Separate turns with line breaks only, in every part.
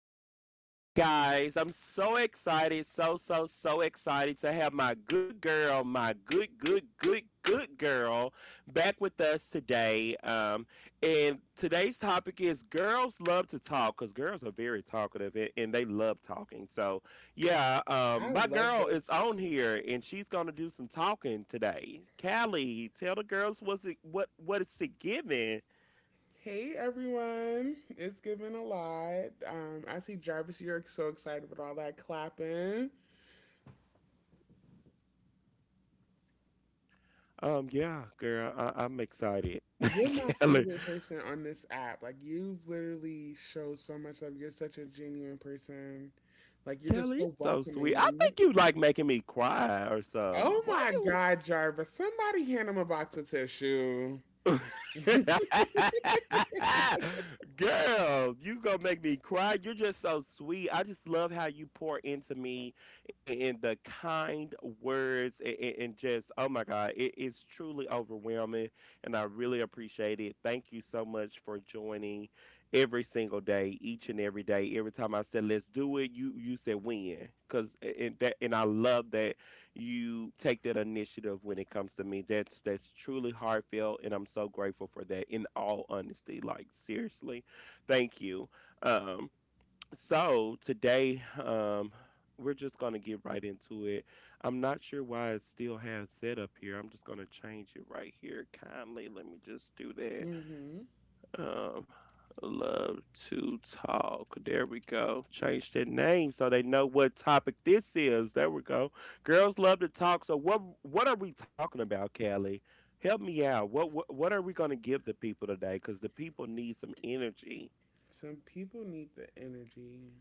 Welcome back, guys. I'm so excited, so excited to have my good girl, my good girl back with us today. And today's topic is girls love to talk because girls are very talkative and they love talking. So, yeah,
I
my
love
girl is
this.
on here and she's going to do some talking today. Callie, tell the girls what it's it giving.
Hey everyone, it's giving a lot. I see Jarvis, you're so excited with all that clapping.
Yeah, girl, I'm excited.
You're my
Kelly,
favorite person on this app. Like you've literally showed so much love. You're such a genuine person. Like you're just
Kelly, you
so
so sweet. I
welcoming. And you,
think you like making me cry or something.
oh
Why
my
you?
God, Jarvis! Somebody hand him a box of tissue.
Girl, you gonna make me cry. You're just so sweet. I just love how you pour into me and the kind words and just, oh my God, it is truly overwhelming. And I really appreciate it. Thank you so much for joining every single day, each and every day. Every time I said, let's do it, you said when. And I love that you take that initiative when it comes to me. That's truly heartfelt, and I'm so grateful for that. In all honesty, like seriously, thank you. Um, so today, we're just gonna get right into it. I'm not sure why it still has that up here. I'm just gonna change it right here kindly. Let me just do that.
hmm
Um, Love to talk. There we go. Change their name so they know what topic this is. There we go. Girls love to talk. So what are we talking about, Callie? Help me out. What are we going to give the people today? Because the people need some energy.
Some people need the energy.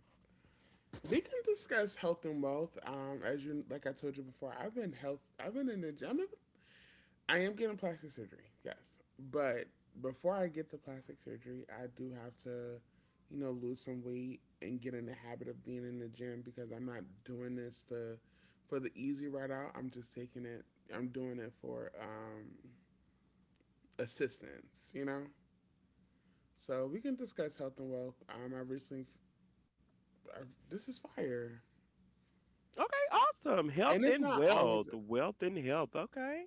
We can discuss health and wealth. As you like, I told you before, I've been health. I've been in the gym. I am getting plastic surgery, yes. But before I get the plastic surgery, I do have to, you know, lose some weight and get in the habit of being in the gym because I'm not doing this to for the easy ride out. I'm just taking it. I'm doing it for assistance, you know. So we can discuss health and wealth. I recently, I, this is fire,
Okay, awesome. Health
and it's
and
not
wealth,
always.
wealth and health. Okay.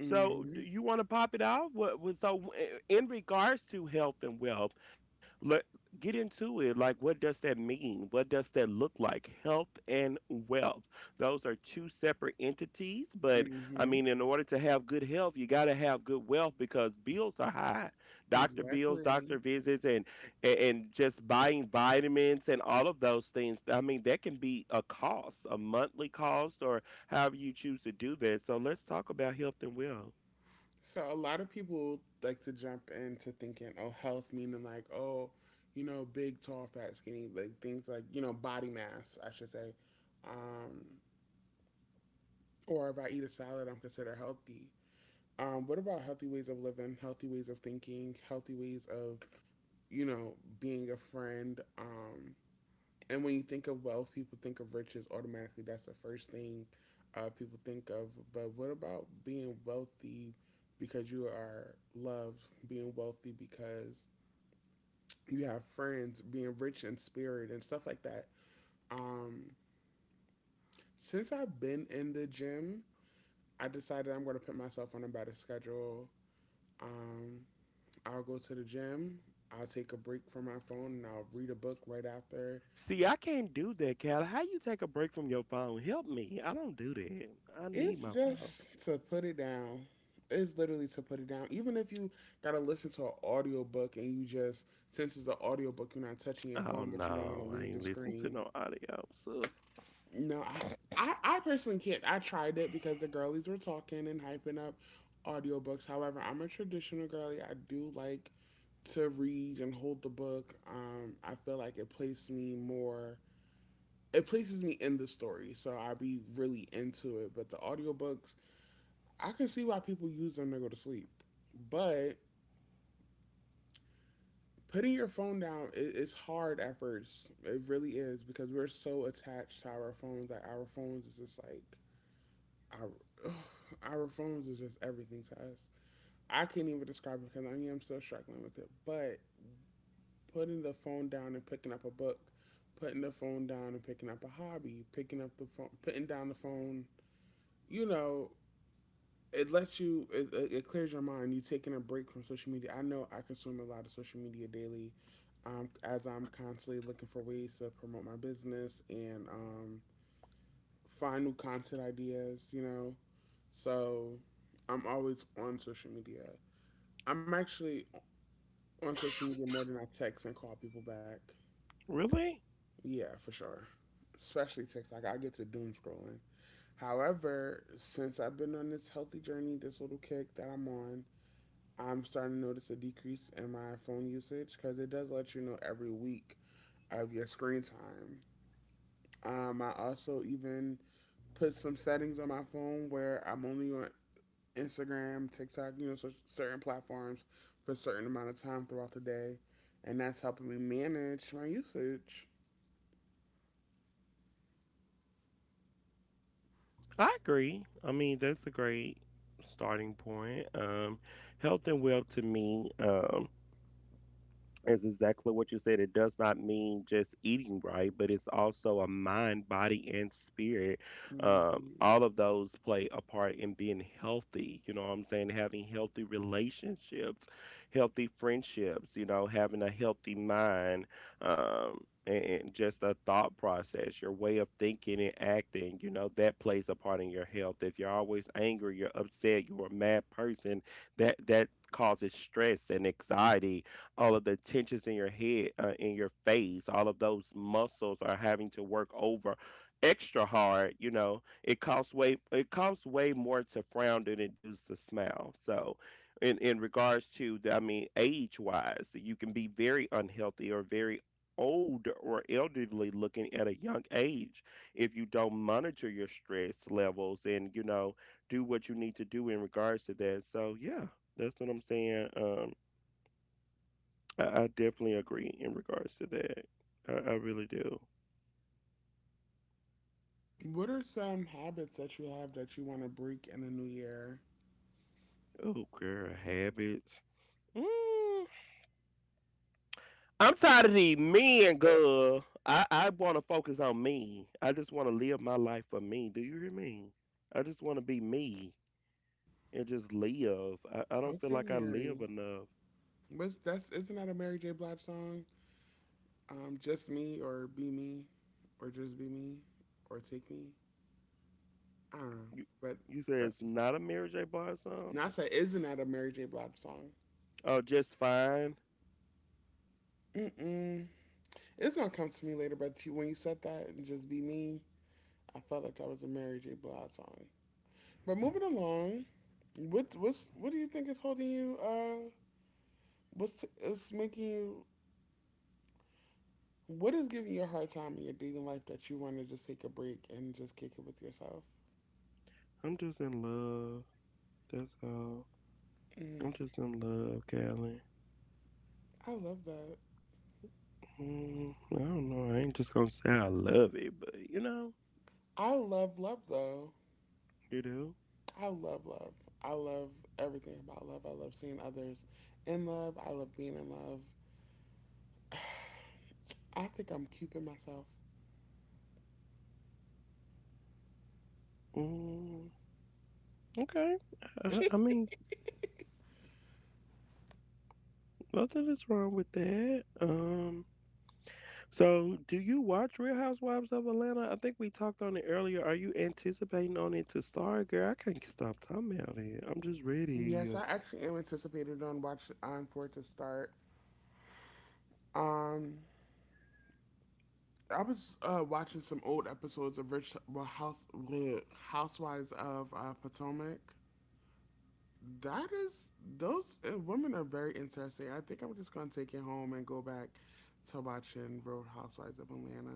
So, do you want to pop it off? What so I- in regards to health and wealth, let get into it. Like, what does that mean? What does that look like? Health and wealth. Those are two separate entities, but I
Mm-hmm.
mean, in order to have good health, you got to have good wealth because bills are high. Doctor bills, doctor
Exactly.
visits, and just buying vitamins and all of those things. I mean, that can be a cost a monthly cost or however you choose to do that. So let's talk about health and well.
So a lot of people like to jump into thinking, oh, health meaning like, oh, you know, big, tall, fat, skinny, like things like, you know, body mass, I should say. Um, or if I eat a salad, I'm considered healthy. What about healthy ways of living, healthy ways of thinking, healthy ways of, you know, being a friend? And when you think of wealth, people think of riches automatically. That's the first thing people think of. But what about being wealthy because you are loved, being wealthy because you have friends, being rich in spirit and stuff like that? Um, since I've been in the gym, I decided I'm going to put myself on a better schedule. Um, I'll go to the gym, I'll take a break from my phone, and I'll read a book right after.
See, I can't do that, Cal. How you take a break from your phone? Help me, I don't do that. I
It's
need my phone.
just to put it down. It's literally to put it down. Even if you gotta listen to an audiobook and you just since it's an audiobook, you're not touching your
Oh
phone, but
no,
you don't want to
I
leave the
ain't listening to
screen.
no audio, so
No, I, I personally can't. I tried it because the girlies were talking and hyping up audiobooks. However, I'm a traditional girly. I do like to read and hold the book. I feel like it places me more. It places me in the story, so I will be really into it. But the audiobooks I can see why people use them to go to sleep, but putting your phone down it's hard at first. It really is because we're so attached to our phones. Like our phones is just like our ugh, our phones is just everything to us. I can't even describe it because I am still struggling with it. But putting the phone down and picking up a book, putting the phone down and picking up a hobby, picking up the phone, putting down the phone. You know, it lets you it clears your mind you taking a break from social media. I know I consume a lot of social media daily, as I'm constantly looking for ways to promote my business, and find new content ideas, you know. So I'm always on social media. I'm actually on social media more than I text and call people back.
really?
Yeah, for sure. Especially text, like I get to doom scrolling. However, since I've been on this healthy journey, this little kick that I'm on, I'm starting to notice a decrease in my phone usage because it does let you know every week of your screen time. I also even put some settings on my phone where I'm only on Instagram, TikTok, you know, so certain platforms for a certain amount of time throughout the day, and that's helping me manage my usage.
I agree. I mean, that's a great starting point. Health and well to me, is exactly what you said. It does not mean just eating right, but it's also a mind, body, and spirit.
Mm-hmm.
All of those play a part in being healthy. You know what I'm saying? Having healthy relationships, healthy friendships, you know, having a healthy mind, um, and just a thought process, your way of thinking and acting, you know, that plays a part in your health. If you're always angry, you're upset, you're a mad person, that causes stress and anxiety, all of the tensions in your head, in your face, all of those muscles are having to work over extra hard. You know, it costs way more to frown than it does to smile. So, in regards to, I mean, age wise, you can be very unhealthy or very old or elderly looking at a young age if you don't monitor your stress levels, and you know, do what you need to do in regards to that. So yeah, that's what I'm saying. I definitely agree in regards to that. I really do.
What are some habits that you have that you want to break in the new year?
Oh, girl, habits. Mm, I'm tired of the men, girl. I want to focus on me. I just want to live my life for me. Do you hear me? I just want to be me and just live. I don't feel
Okay,
like I live
Mary.
enough.
Was that's isn't that a Mary J. Blige song? Just me or be me or just be me or take me. I don't know.
You,
But
you say it's
that's
not a Mary J. Blige song?
NASA isn't that a Mary J. Blige song.
Oh, just fine.
Mm-mm. It's gonna come to me later, but you, when you said that and just be me, I felt like that was a Mary J. Blige song. But moving along, what do you think is holding you? What's t- is making you? What is giving you a hard time in your dating life that you want to just take a break and just kick it with yourself?
I'm just in love. That's all. I'm
Mm,
just in love, Callie.
I love that.
Mm, I don't know. I ain't just gonna say I love it, but you know,
I love love though.
you do.
I love love. I love everything about love. I love seeing others in love. I love being in love. I think I'm cuping myself.
Mm, okay. I mean, nothing is wrong with that. So do you watch Real Housewives of Atlanta? I think we talked on it earlier. Are you anticipating on it to start, girl? I can't stop talking about it. I'm just ready.
Yes, I actually am anticipated on watch on for it to start. Um, I was watching some old episodes of Rich well, House bleh, Housewives of Potomac. That is, those women are very interesting. I think I'm just gonna take it home and go back to watching Road Housewives of Atlanta.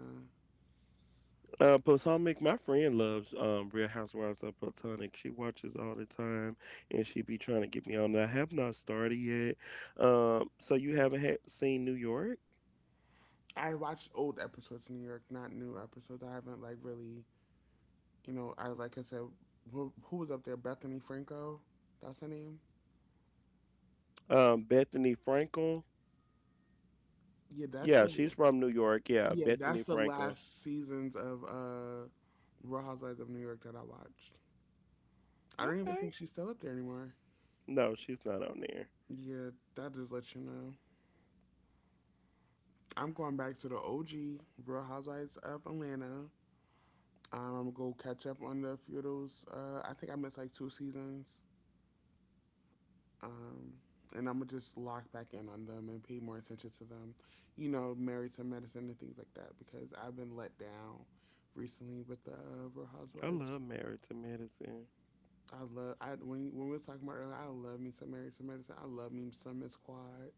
Potomac, my friend loves Real Housewives of Potomac. She watches all the time, and she be trying to get me on. I have not started yet. So you haven't had, seen New York?
I watched old episodes in New York, not new episodes. I haven't like really, you know, I like I said, who was up there? Bethany Franco, that's her name.
Bethany Frankel.
Yeah, that's
Yeah,
the
she's from New York. Yeah,
yeah,
Bethany
that's the
Frankel.
last seasons of Real Housewives of New York that I watched. I don't even
Okay.
think she's still up there anymore.
No, she's not on there.
Yeah, that just lets you know. I'm going back to the OG Real Housewives of Atlanta. I'm gonna go catch up on the few of those. I think I missed like two seasons. Um, and I'm gonna just lock back in on them and pay more attention to them. You know, married to medicine and things like that because I've been let down recently with the Real
I
Housewives.
love Married to Medicine.
I love I when we were talking about earlier. I love me some married to medicine. I love me some Miss Quad.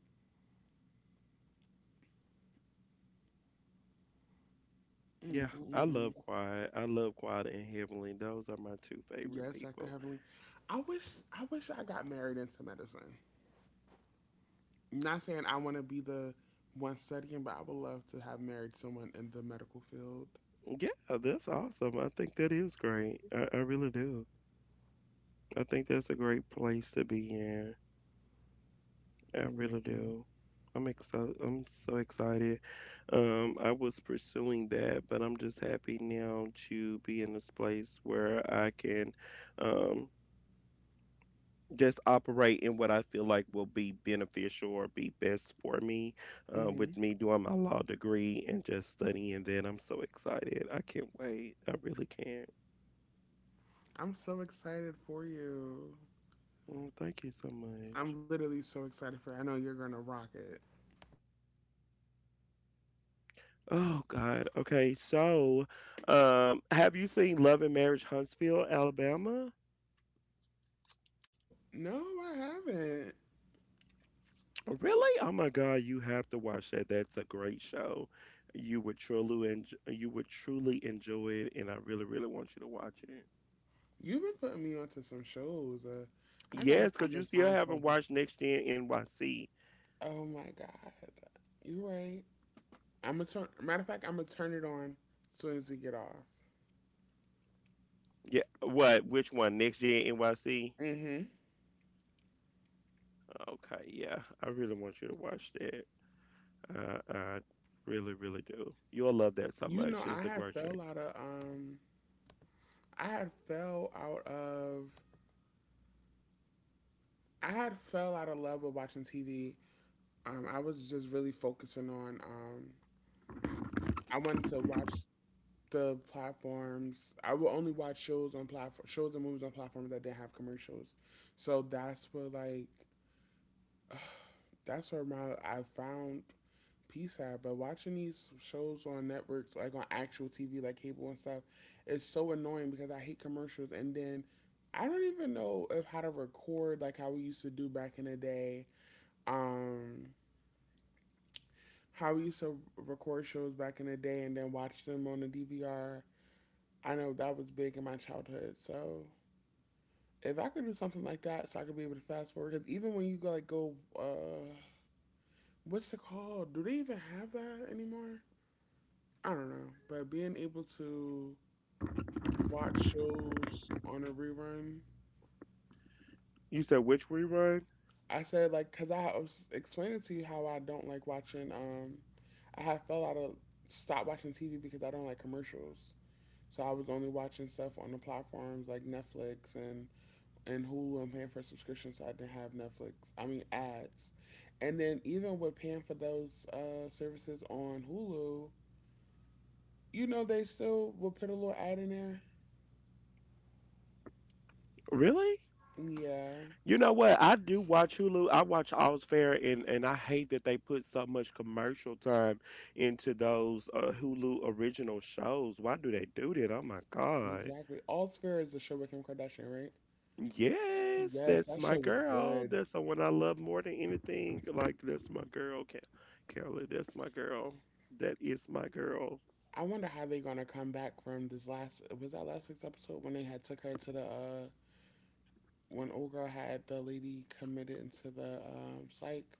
Mm
Yeah,
mm
I
mm.
love
Mm.
Quiet. I love Quiet and Heavenly. Those are my two favorite
Yes, Dr.
people.
Heavenly. I wish I got married into medicine. Not saying I want to be the one studying, but I would love to have married someone in the medical field.
Yeah, that's awesome. I think that is great. I really do. I think that's a great place to be in. I really
Hmm
do. I'm excited. I'm so excited. I was pursuing that, but I'm just happy now to be in this place where I can um, just operate in what I feel like will be beneficial or be best for me, with me doing my law degree and just studying. Then I'm so excited. I can't wait. I really can't.
I'm so excited for you.
Mm, thank you so much.
I'm literally so excited for you. I know you're gonna rock it.
Oh God. Okay. So, have you seen Love and Marriage Huntsville, Alabama?
No, I haven't.
Really? Oh my God, you have to watch that. That's a great show. You would truly enjoy it, and I really, really want you to watch it.
You've been putting me onto some shows. I gotta
Yes, because
find the
you still
time to.
haven't watched Next Gen NYC.
Oh my god, you right. I'm gonna turn. Matter of fact, I'm gonna turn it on as soon as we get off.
Yeah. What? Which one? Next Gen NYC?
Mm-hmm.
Okay. Yeah. I really want you to watch that. I really, really do. You'll love that so
You know,
much.
I
It's a
had
great show.
fell out of I had fell out of, I had fell out of love with watching TV. I was just really focusing on I wanted to watch the platforms. I would only watch shows on platform shows and movies on platforms that didn't have commercials. So that's where like uh, that's where my I found peace at. But watching these shows on networks like on actual TV like cable and stuff is so annoying because I hate commercials, and then I don't even know if how to record like how we used to do back in the day. Um how we used to record shows back in the day and then watch them on the DVR. I know that was big in my childhood. So if I could do something like that, so I could be able to fast forward, because even when you go, what's it called? Do they even have that anymore? I don't know. But being able to watch shows on a rerun,
You said which rerun?
I said like, because I was explaining to you how I don't like watching. I have fell out of stop watching TV because I don't like commercials. So I was only watching stuff on the platforms like Netflix and Hulu and paying for subscriptions. So I didn't have Netflix. I mean ads, and then even with paying for those services on Hulu, you know they still will put a little ad in there.
Really?
Yeah,
You know what? I do watch Hulu. I watch All's Fair, and I hate that they put so much commercial time into those Hulu original shows. Why do they do that? Oh my God.
exactly. All Sphere is the show with Kim Kardashian, right?
Yes,
Yes,
that's
that
my
show was
girl.
good.
That's the one I love more than anything. Like that's my girl, Kelly. That's my girl. That is my girl.
I wonder how they gonna come back from this last. Was that last week's episode when they had took her to the when old girl had the lady committed into the psych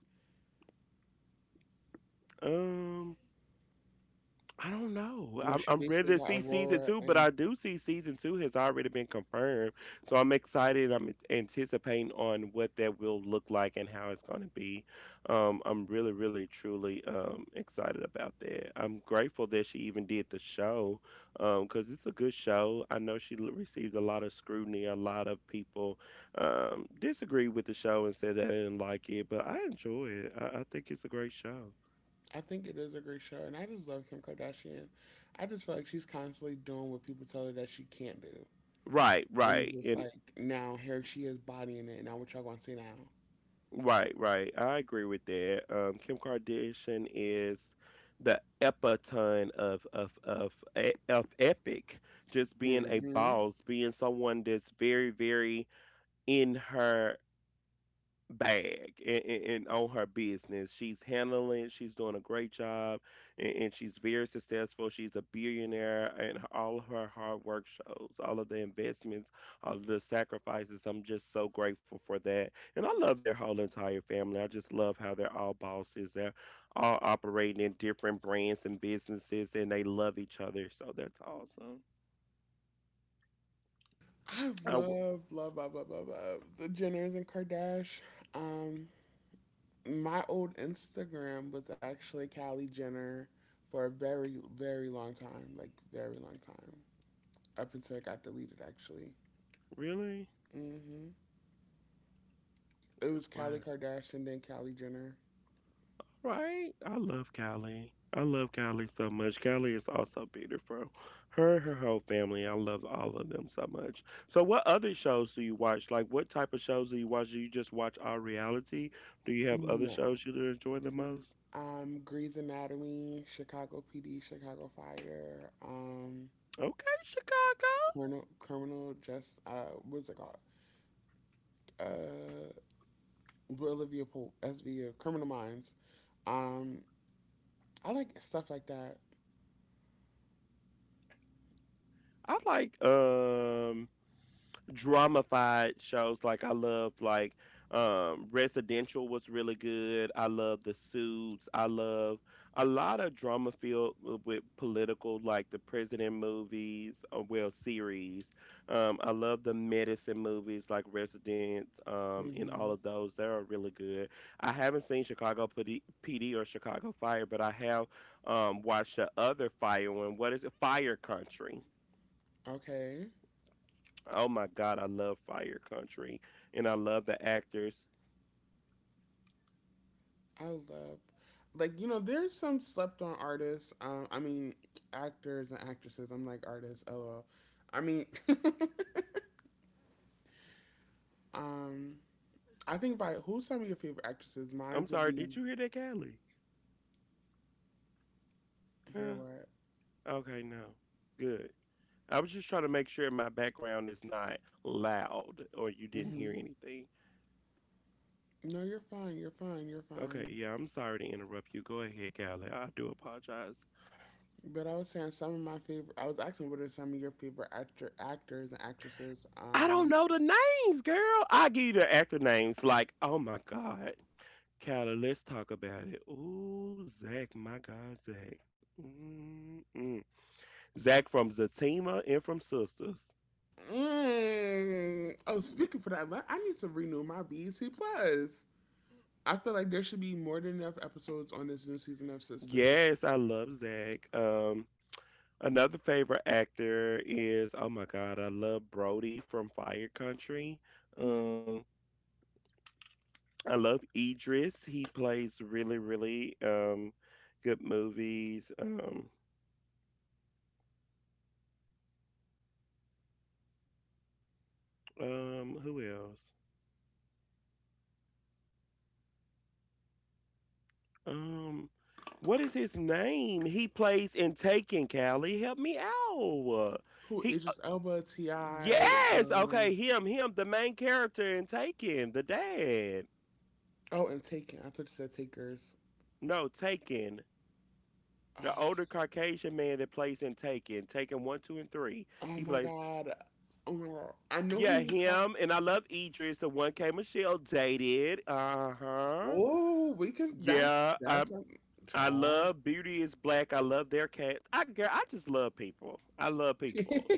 Um. I don't know.
when she
I'm ready
basically
to
got
see season
Aurora
two, but
and
I do see season two has already been confirmed. So I'm excited. I'm anticipating on what that will look like and how it's going to be. I'm really, really, truly excited about that. I'm grateful that she even did the show, because it's a good show. I know received a lot of scrutiny. A lot of people disagreed with the show and said they didn't like it, but I enjoy it. I think it's a great show.
I think it is a great show, and I just love Kim Kardashian. I just feel like she's constantly doing what people tell her that she can't do,
Right,
and it's
right.
just
And
like now here she is bodying it. And now what y'all gonna see now?
right, right. I agree with that. Kim Kardashian is the epiton of of epic, just being a
Hmm
boss, being someone that's very, very in her bag and on her business. She's handling it. She's doing a great job and she's very successful. She's a billionaire and all of her hard work shows, all of the investments, all of the sacrifices. I'm just so grateful for that. And I love their whole entire family. I just love how they're all bosses. They're all operating in different brands and businesses and they love each other. So that's awesome.
I
I w-
love, love, love, love, love, love the Jenners and Kardashian. Um, my old Instagram was actually Kylie Jenner for a very, very long time, like very long time, up until it got deleted. Actually,
Really?
hmm it was Kylie
Wow.
Kardashian, then Kylie Jenner.
Right? I love Callie. I love Callie so much. Callie is also beautiful. Her whole family. I love all of them so much. So, what other shows do you watch? Like, what type of shows do you watch? Do you just watch all reality? Do you have other
No.
shows you enjoy the most?
Grey's Anatomy, Chicago PD, Chicago Fire,
Okay, Chicago.
Criminal, Criminal Just, what's it called? Uh, Olivia Pope, SVU, Criminal Minds. Um, I like stuff like that.
I like. Um, dramafied shows. I love like Residential was really good. I love The Suits. I love a lot of drama filled with political, like the president movies, or well series. I love the medicine movies like Resident, and all
hmm
of those. They are really good. I haven't seen Chicago PD, or Chicago Fire, but I have watched the other Fire one. What is it? Fire Country.
Okay.
Oh my God, I love Fire Country and I love the actors.
I love, like, you know, there's some slept on artists. I mean, actors and actresses. I'm like artists, lol. I mean, um, I think by who's some of your favorite actresses?
I'm
Mine's would
sorry,
be,
did you hear that, Callie?
here
Huh?
what?
Okay, no. Good. I was just trying to make sure my background is not loud or you didn't
Mm-hmm.
hear anything.
No, you're fine. You're fine. You're
Okay,
fine.
yeah, I'm sorry to interrupt you. Go ahead, Callie. I do apologize.
But I was saying some of my favorite. I was asking what are some of your favorite actors and actresses.
I don't know the names, girl. I give you the actor names. Like, oh my God. Callie, let's talk about it. Ooh, Zach, my God, Zach. Mm-mm. Zach from Zatima and from Sisters.
Mm. Oh, speaking for that, I need to renew my BET Plus. I feel like there should be more than enough episodes on this new season of Sisters.
Yes, I love Zach. Another favorite actor is oh my God, I love Brody from Fire Country. Um, I love Idris. He plays really, really good movies. Who else? Um, what is his name? He plays in Taken. Callie, help me out.
Who
He
Idris Elba, Ti,
Yes, okay, him, the main character in Taken, the dad.
oh, and Taken. I thought you said Takers.
No, Taken.
Oh,
The older Caucasian man that plays in Taken, Taken 1, 2, and 3,
oh
he
my
plays,
God. Oh my God. I know who
yeah,
you talk.
him. And I love Idris, the one K Michelle dated. Uh huh.
Oh, we can. That's
Yeah, I,
that's a
I
child.
love Beauty is Black. I love their cats. Girl, I just love people. I love
you
people.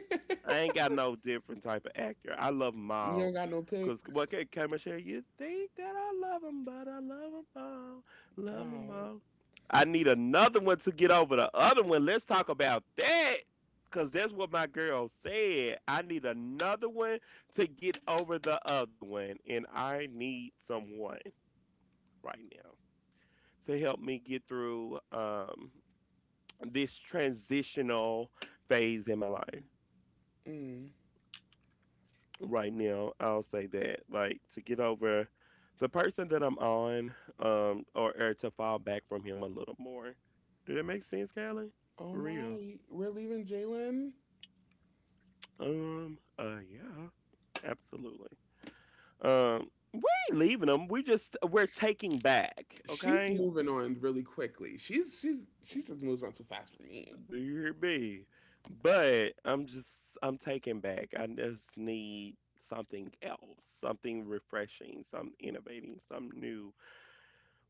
I ain't got no different type of actor. I love 'em
don't
all.
got no
Cause what
picks.
can Cameron say? You think that I love 'em, but I love 'em all, love 'em
God.
all. I need another one to get over the other one. Let's talk about that. Cause that's what my girl said. I need another one to get over the other one, and I need someone right now to help me get through this transitional phase in my life.
Mm.
Right now, I'll say that. Like to get over the person that I'm on, or to fall back from him a little more. Did that make sense, Callie?
Oh
For real.
my, we're leaving Jalen.
Yeah, absolutely. We ain't leaving them. We're taking back,
She's
okay?
moving on really quickly. She just moves on too fast for me.
Do you hear me? But I'm just I'm taking back. I just need something else, something refreshing, some innovating, some new.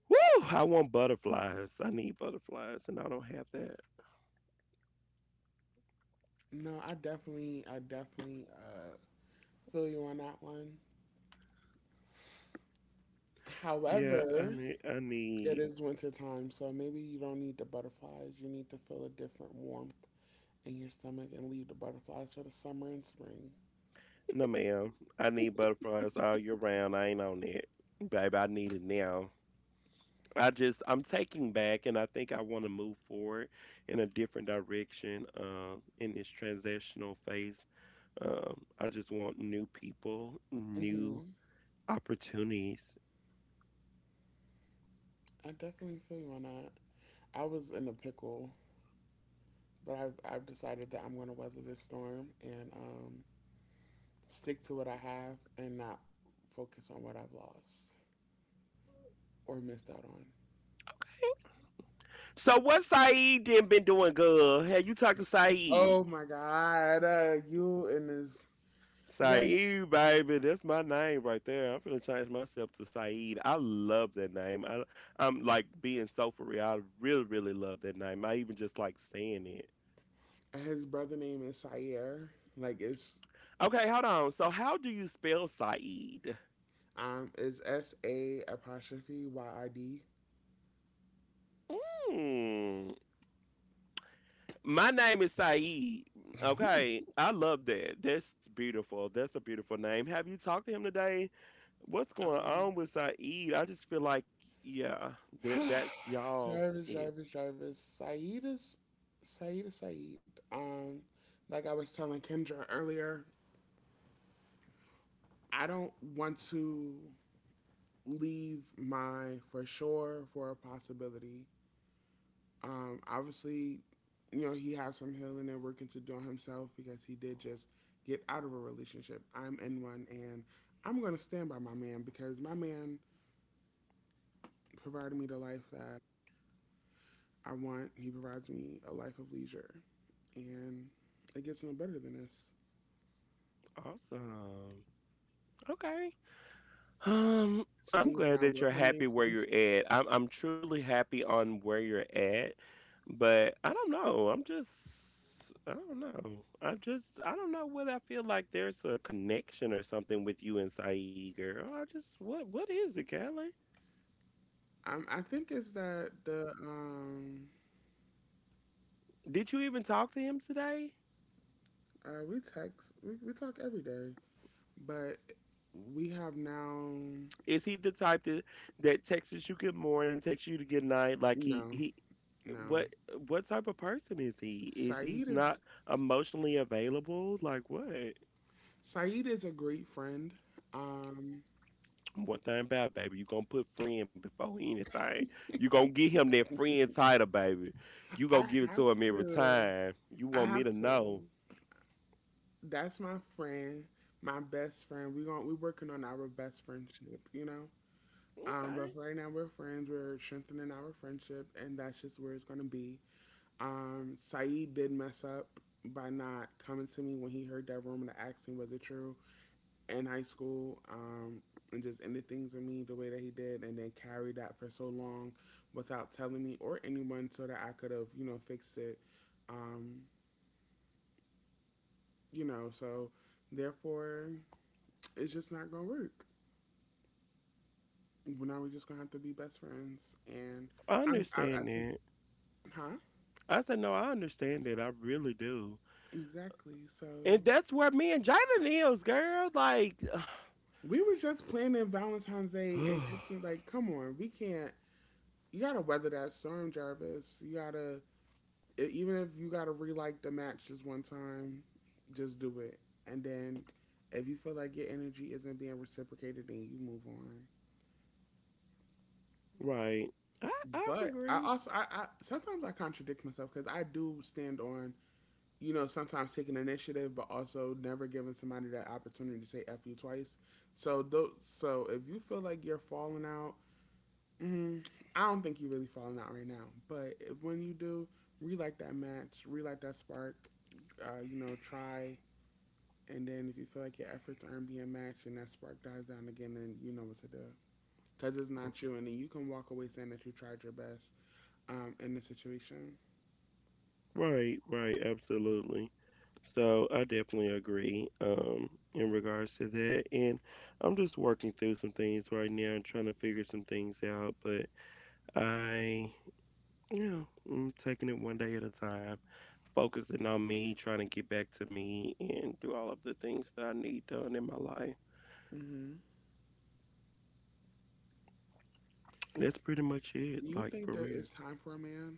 Woo! I want butterflies. I need butterflies, and I don't have that.
No, I definitely feel you on that one.
Yeah, I
However,
need. I
it
need.
is winter time, so maybe you don't need the butterflies. You need to feel a different warmth in your stomach and leave the butterflies for the summer and spring.
No, ma'am. I need butterflies all year round. I ain't on it, baby. I need it now. I just. I'm taking back, and I think I want to move forward in a different direction. In this transitional phase, I just want new people, new
hmm
opportunities.
I definitely feel you on that. I was in a pickle. But I've decided that I'm going to weather this storm and stick to what I have and not focus on what I've lost or missed out on.
So, what Saeed did been doing good? Have you talked to Saeed?
Oh my God. You and his. Yes.
Saeed, baby, that's my name right there. I'm finna change myself to Saeed. I love that name. I'm like being so for real. I really, really love that name. I even just like saying it.
His brother name is Sayer. Like
Okay, hold on. So, how do you spell Saeed?
it's S A apostrophe Y I D.
Mm, my name is Saeed. Okay, I love that. That's beautiful. That's a beautiful name. Have you talked to him today? What's going
Um
on with Saeed? I just feel like, yeah, That that's y'all. Yeah,
Jarvis. Saeed is Saeed. Like I was telling Kendra earlier, I don't want to leave my for sure for a possibility. Obviously, you know, he has some healing and working to do on himself because he did just get out of a relationship. I'm in one and I'm going to stand by my man because my man provided me the life that I want. He provides me a life of leisure. And it gets no better than this.
awesome. Okay. Um, I'm
Saeed and
glad
I
that
will
you're
remain
happy where you're
friends.
at. I'm truly happy on where you're at, but I don't know. I don't know. I don't know what. I feel like there's a connection or something with you and Saeed, girl. I just What is it, Callie?
I think it's that the
Did you even talk to him today?
We text. We talk every day, but we have now.
Is he the type that that texts you good morning, texts you to good night? Like
No,
he
no.
what what type of person is he? Is he
Saeed
not
is
emotionally available? Like what?
Saeed is a great friend. Um,
One thing about it, baby, you gonna put friend before anything. You gonna get him that friend title, baby. You
I
gonna give it
have
to him every
to.
time. You
I
want me
have
to
to.
know.
That's my friend, my best friend. We going we working on our best friendship, you know.
Okay.
But for right now we're friends. We're strengthening our friendship, and that's just where it's gonna be. Saeed did mess up by not coming to me when he heard that rumor and asked me was it true. In high school, and just ended things with me the way that he did and then carried that for so long without telling me or anyone so that I could have, you know, fixed it. Um, you know, so therefore it's just not going to work. Well, now we're just going to have to be best friends. And
I
I
understand
think,
that.
huh?
I said, no, I understand that. I really do.
Exactly. So
And that's where me and Jaden is, girl. Like
we was just planning Valentine's Day and Christmas. Like, come on, we can't. You gotta weather that storm, Jarvis. You gotta even if you gotta relight the match just one time, just do it. And then if you feel like your energy isn't being reciprocated, then you move on.
right. I
But I
agree.
also I sometimes I contradict myself because I do stand on you know sometimes taking initiative, but also never giving somebody that opportunity to say f you twice. So if you feel like you're falling out, mm, I don't think you're really falling out right now. But if, when you do, relight that match, relight that spark. You know, try. And then if you feel like your efforts aren't being matched and that spark dies down again, then you know what to do. Because it's not you, and then you can walk away saying that you tried your best in the situation.
Right, right, absolutely. So I definitely agree in regards to that. And I'm just working through some things right now and trying to figure some things out. But I, you know, I'm taking it one day at a time, focusing on me, trying to get back to me and do all of the things that I need done in my life.
Mm-hmm.
That's pretty much it,
Do you
like
think
for
that
real.
it's time for a man?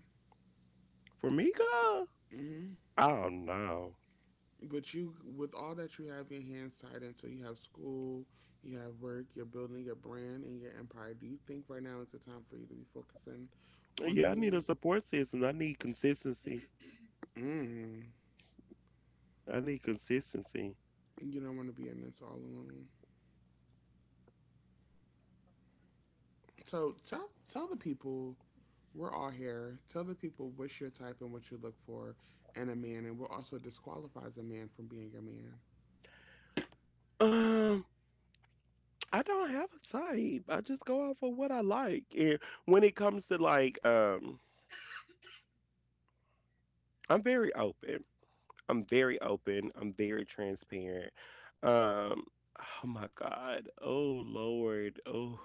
For me, girl,
Mm-hmm.
oh no.
But you, with all that you have your hands tied into, you have school, you have work, you're building your brand and your empire. Do you think right now is the time for you to be focusing on a
Yeah, I need a
man?
support system. I need consistency.
Mm.
I need consistency.
You don't want to be in this all alone. So tell the people. We're all here. Tell the people what's your type and what you look for in a man, and what also disqualifies a man from being your man.
Um. I don't have a type. I just go off of what I like. And when it comes to like I'm very open. I'm very open. I'm very transparent. Um oh my God. Oh Lord. Oh.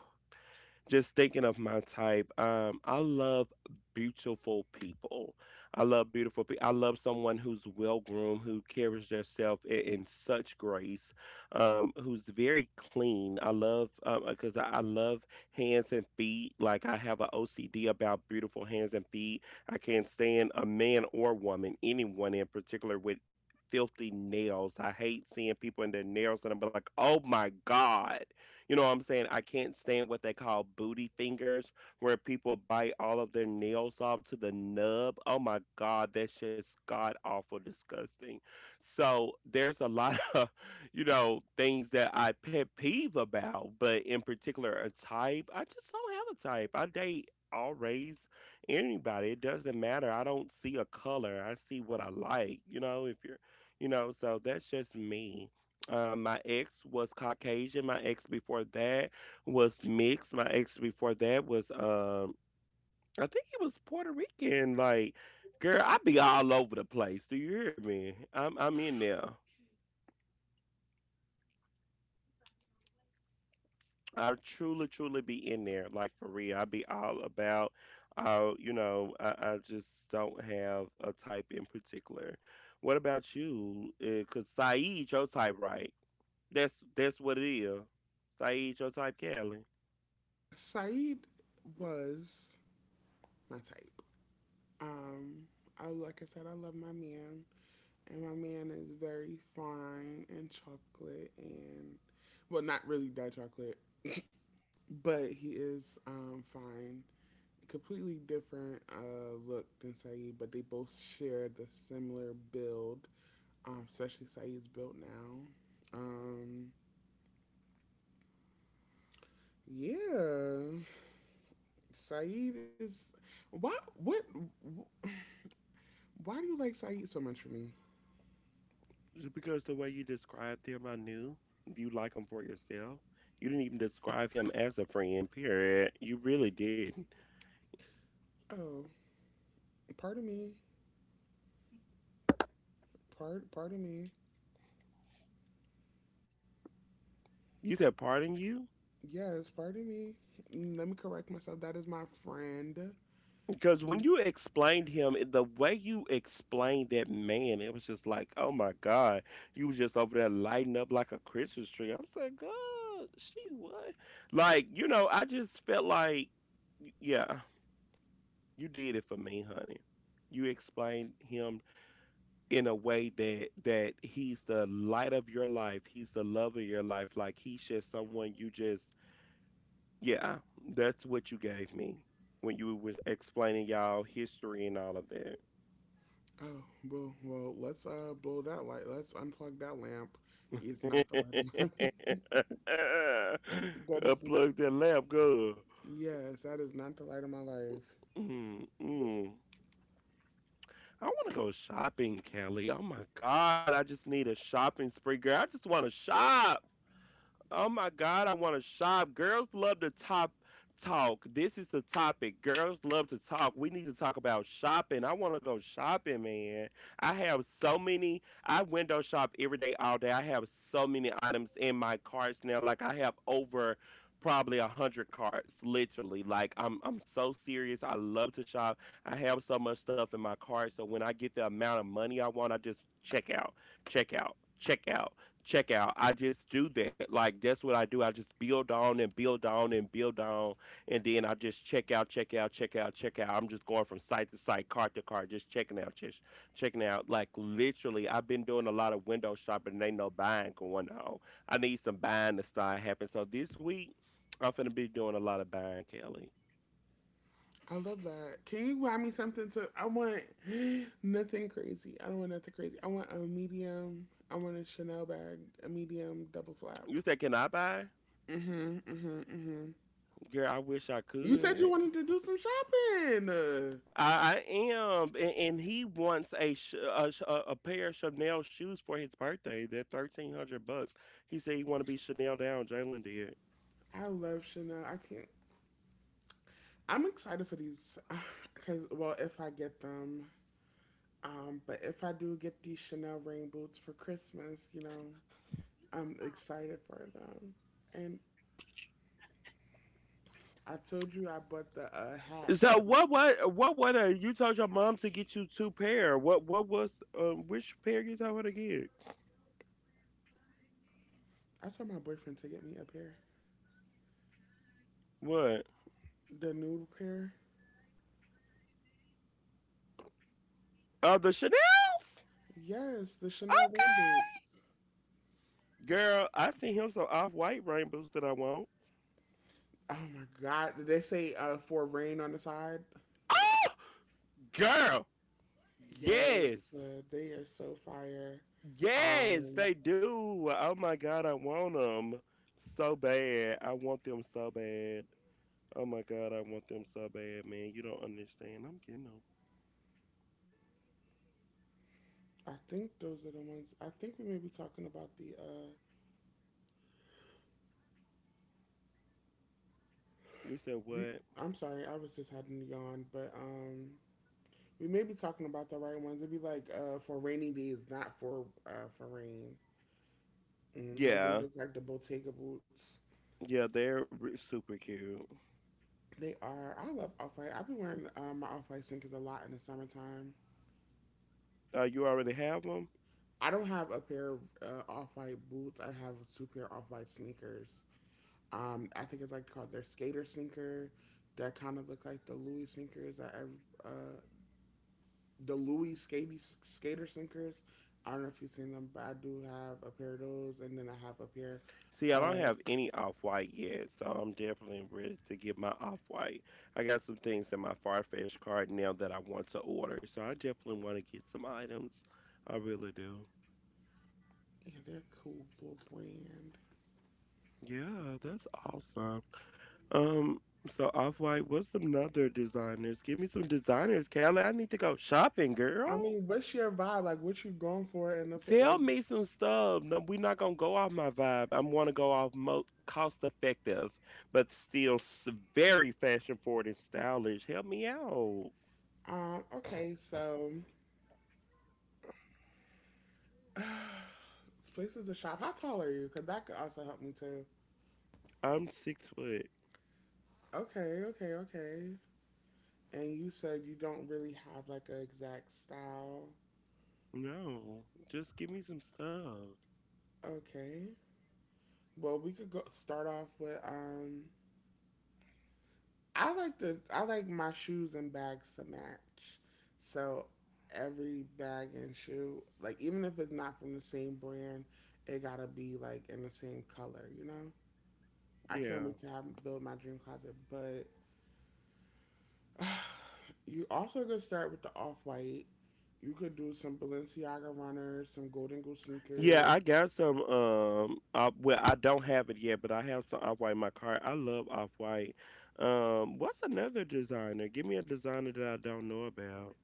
Just thinking of my type, I love beautiful people. I love beautiful people. I love someone who's well groomed, who carries themselves in such grace, who's very clean. I love hands and feet. Like I have a OCD about beautiful hands and feet. I can't stand a man or woman, anyone in particular, with filthy nails. I hate seeing people in their nails, and I'm like, oh my god. You know what I'm saying? I can't stand what they call booty fingers, where people bite all of their nails off to the nub. Oh my God, that's just god awful disgusting. So there's a lot of, you know, things that I pet peeve about, but in particular, a type. I just don't have a type. I date all race, anybody. It doesn't matter. I don't see a color. I see what I like, you know, if you're, you know, so that's just me. My ex was Caucasian. My ex before that was mixed. My ex before that was, I think he was Puerto Rican. Like, girl, I be all over the place. Do you hear me? I'm in there. I truly, truly be in there. Like for real, I be all about. You know, I just don't have a type in particular. What about you? Cause Saeed, your type, right? That's what it is. Saeed, your type, Callie.
Saeed was my type. Um, I like I said, I love my man, and my man is very fine and chocolate and well, not really that chocolate, but he is fine. Completely different look than Saeed, but they both share the similar build. Especially Saeed's built now. Yeah, Saeed is why what why do you like Saeed so much for me?
Just because the way you described him, I knew you like him for yourself. You didn't even describe him as a friend, period. You really didn't.
Oh, pardon me, part pardon me.
You said, pardon you?
Yes, pardon me. Mm, let me correct myself. That is my friend.
Because when you explained him, the way you explained that man, it was just like, oh my God. You was just over there lighting up like a Christmas tree. I'm like, God, she what? Like, you know, I just felt like, yeah, you did it for me, honey. You explained him in a way that he's the light of your life. He's the love of your life. Like he's just someone you just, yeah, that's what you gave me when you was explaining y'all history and all of that.
Oh well let's blow that light. Let's unplug that lamp. It's not the light of my. that is not.
Unplug that lamp, girl.
Yes, that is not the light of my life.
Mm, mm. I want to go shopping, Kelly. Oh my god, I just need a shopping spree, girl. I just want to shop. Oh my God, I want to shop. Girls love to top Talk. This is the topic. Girls love to talk. We need to talk about shopping. I want to go shopping, man. I have so many. I window shop every day, all day. I have so many items in my carts now. Like I have over probably 100 carts, literally. Like I'm so serious. I love to shop. I have so much stuff in my cart. So when I get the amount of money I want, I just check out, check out, check out checkout I just do that. Like that's what I do. I just build on and build on and build on, and then I just check out, check out, check out, check out. I'm just going from site to site, cart to cart, just checking out, just checking out. Like literally, I've been doing a lot of window shopping. And ain't no buying going on. I need some buying to start happening. So this week, I'm gonna be doing a lot of buying, Kelly.
I love that. Can you buy me something to? I want nothing crazy. I don't want nothing crazy. I want a medium. I want a Chanel bag, a medium double flap.
You said, can I buy?
Mm Mhm, mm mhm, mm mhm.
Girl, I wish I
You said you
could.
wanted to do some shopping.
I am, and he wants a, pair of Chanel shoes for his birthday. They're $1,300. He said he want to be Chanel down. Jalen did.
I love Chanel. I can't. I'm excited for these because, well, if I get them, but if I do get these Chanel rain boots for Christmas, you know, I'm excited for them. And I told you I bought the hat
So
today.
what you told your mom to get you two pair? What was Which pair you told her to get?
I told my boyfriend to get me a pair.
What?
The nude pair.
The Chanels.
Yes, the Chanel rain boots.
Girl, I seen him some off white rainbows that I want.
Oh my god. Did they say for rain on the side?
Oh, girl, yes.
Yes, they are so fire.
Yes,
Um,
they do. Oh my god, I want them so bad. I want them so bad. Oh my god, I want them so bad, man. You don't understand. I'm getting them.
I think those are the ones. I think we may be talking about the.
You said
We,
what?
I'm sorry, I was just having a yawn, but we may be talking about the right ones. It'd be like for rainy days, not for for rain. They
Yeah,
look like the Bottega boots.
yeah, they're r- super cute.
They are. I love off white. I've been wearing my off white sneakers a lot in the summertime.
You already have them?
I don't have a pair of off white boots. I have two pair of off white sneakers. I think it's like called their skater sneaker. That kind of look like the Louis sneakers. I uh, the Louis skater skater sneakers. I don't know if you've seen them, but I do have a pair of those, and then I have a pair
See, I don't
of
have any off-white yet, so I'm definitely ready to get my off-white. I got some things in my Farfetch card now that I want to order, so I definitely want to get some items. I really do.
yeah, they're a cool little brand.
Yeah, that's awesome. Um, so Off-White, what's some other designers? Give me some designers, Callie. I need to go shopping, girl.
I mean, what's your vibe? Like, what you going for in the
Tell
like?
me some stuff. No, we're not gonna go off my vibe. I want to go off mo cost effective, but still s- very fashion forward and stylish. Help me out.
Okay, so places to shop. How tall are you? Because that could also help me too.
I'm 6 foot.
Okay, okay, okay. And you said you don't really have like an exact style.
No, just give me some stuff.
Okay. Well, we could go start off with. I like my shoes and bags to match. So every bag and shoe, like even if it's not from the same brand, it gotta be like in the same color. You know. I can't
Yeah.
wait to have build my dream closet, but you also could start with the off white. You could do some Balenciaga runners, some Golden Goose
Yeah, I
sneakers.
got some. Well, I don't have it yet, but I have some off-white in my car. I love off-white. What's another designer? Give me a designer that I don't know about.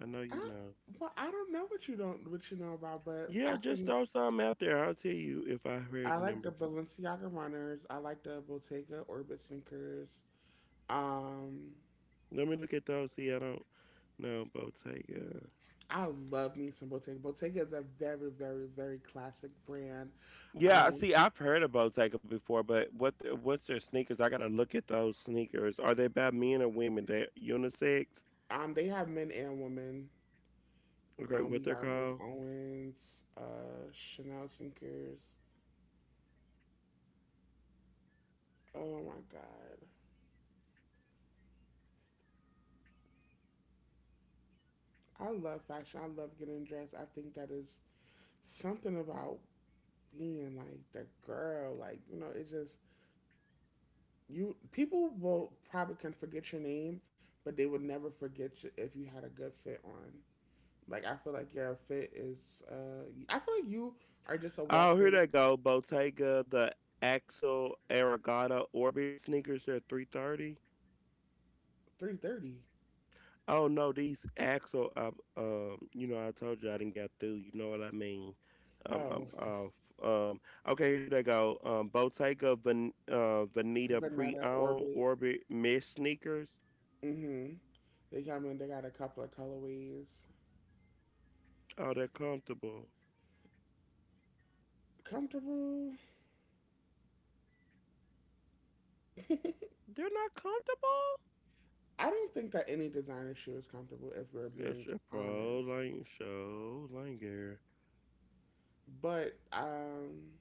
I know
I
you know.
well, I don't know what you don't what you know about, but
Yeah,
I
just
can.
throw some out there. I'll tell you if I heard
I
the
like
number
the
before.
Balenciaga runners. I like the Bottega Orbit sneakers. Um,
Let me look at those. See, I don't know Bottega.
I love me some Bottega. Bottega is a very, very, very classic brand.
Yeah,
Um,
see, I've heard of Bottega before, but what's their sneakers? I gotta look at those sneakers. Are they about men or women? They unisex?
they have men and women.
Okay,
We
what they're
got Rick
called?
Owens, Chanel sneakers. Oh my god. I love fashion. I love getting dressed. I think that is something about being like the girl. Like, you know, it's just you people will probably can forget your name, but they would never forget you if you had a good fit on. Like I feel like your fit is I feel like you are just a
Oh, here
walking
they go. Bottega, the Axel Aragata Orbit sneakers. They're 330.
330.
Oh no, these Axel. You know, I told you I didn't get through. You know what I mean?
Oh,
I'm off. Um, okay, here they go. Veneta
Vanetta
pre-owned
Orbit.
Orbit mesh sneakers.
Mhm. They come in, they got a couple of colorways.
Oh, they're comfortable.
Comfortable.
They're not comfortable.
I don't think that any designer shoe is comfortable if we're
That's
being
a pro
honest.
line show linger.
But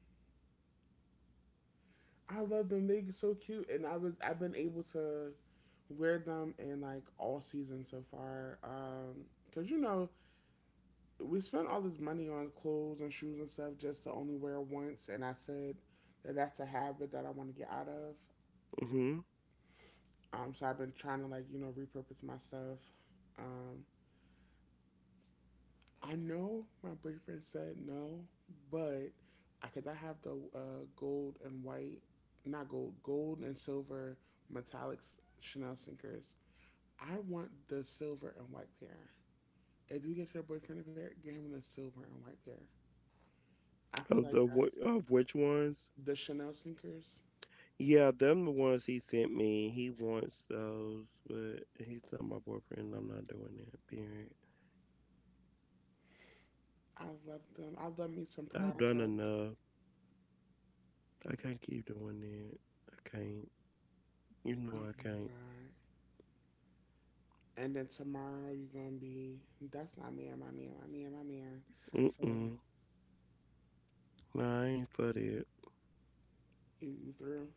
I love them. They're so cute and I've been able to wear them in like all seasons so far. Cuz you know, we spent all this money on clothes and shoes and stuff just to only wear once and I said that's a habit that I want to get out of.
Mhm.
So I've been trying to like, you know, repurpose my stuff. Um I know my boyfriend said no, but because I have the gold and white, not gold, gold and silver metallic Chanel sneakers. I want the silver and white pair. If you get your boyfriend a pair, get him the silver and white pair. I feel like that's
Of which ones?
the Chanel sneakers.
Yeah, them the ones he sent me. He wants those, but he's not my boyfriend. I'm not doing that. Period.
I love them. I love me some
I've
Prada
done
cups.
enough. I can't keep doing that. I can't. You
Oh
know I
my
can't.
god. And then tomorrow you're gonna be that's not man, my man, my man, my man. So
Mm-mm. Nah, I ain't for that.
you through?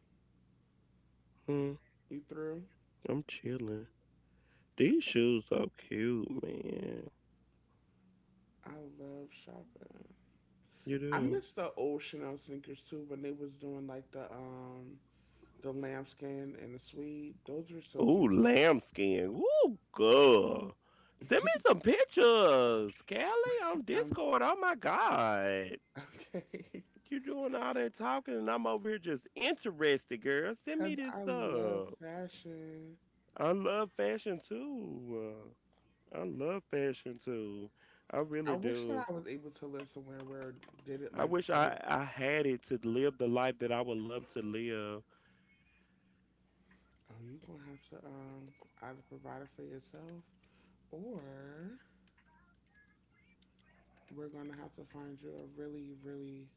Mm,
You through?
I'm chilling. These shoes so cute, man.
I love shopping.
You
I
do.
miss the old Chanel sneakers too when they was doing like the lambskin and the suede. Those are so
Ooh,
cute to
lambskin. Ooh, girl. Send
me.
me some pictures, Kelly, on
I'm
Discord. Oh my God.
okay.
You doing all that talking, and I'm over here just interested, girl. Send
Cause
me this
I love
stuff.
fashion.
I love fashion too. I love fashion too. I
I
really
wish that
do.
I was able to live somewhere where did it
I
like
wish
I
I
didn't
I had it to live the life that I would love to live.
oh you gonna have to either provide it for yourself or we're gonna have to find you a really, really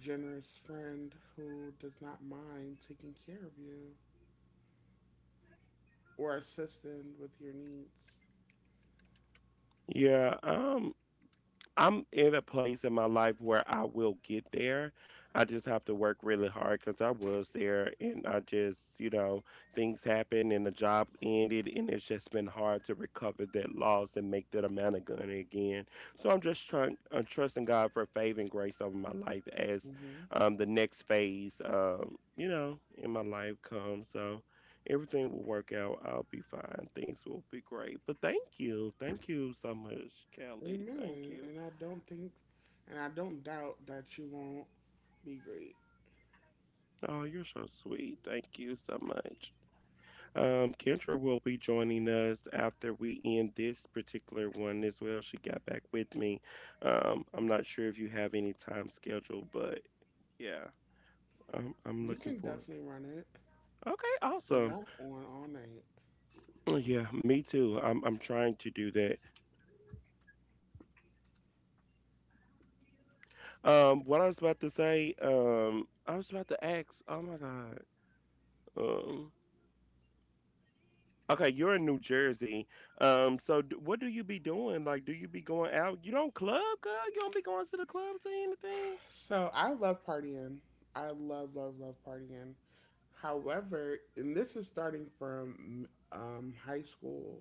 generous friend who does not mind taking care of you. Or assisting with your needs.
Yeah. I'm in a place in my life where I will get there. I just have to work really hard because I was there and I just, you know, things happened and the job ended and it's just been hard to recover that loss and make that amount of money again. So I'm trusting God for favor and grace over my life as
Hmm.
the next phase, you know, in my life comes. So everything will work out. I'll be fine. Things will be great. But thank you. Thank you so much, Kelly. Thank
Amen.
you.
And I don't think, and I don't doubt that you won't be great.
Oh, you're so sweet. Thank you so much. Kendra will be joining us after we end this particular one as well. She got back with me. I'm not sure if you have any time scheduled, but yeah, I'm
You
looking
can
forward.
definitely run it,
Okay,
but
awesome.
I'm on all night.
Oh, yeah, me too. I'm trying to do that. What I was about to say, I was about to ask, oh my God. Um, Okay, you're in New Jersey. What do you be doing? Like, do you be going out? You don't club, girl? You don't be going to the clubs or anything?
So I love partying. I love, love, love partying. However, and this is starting from high school.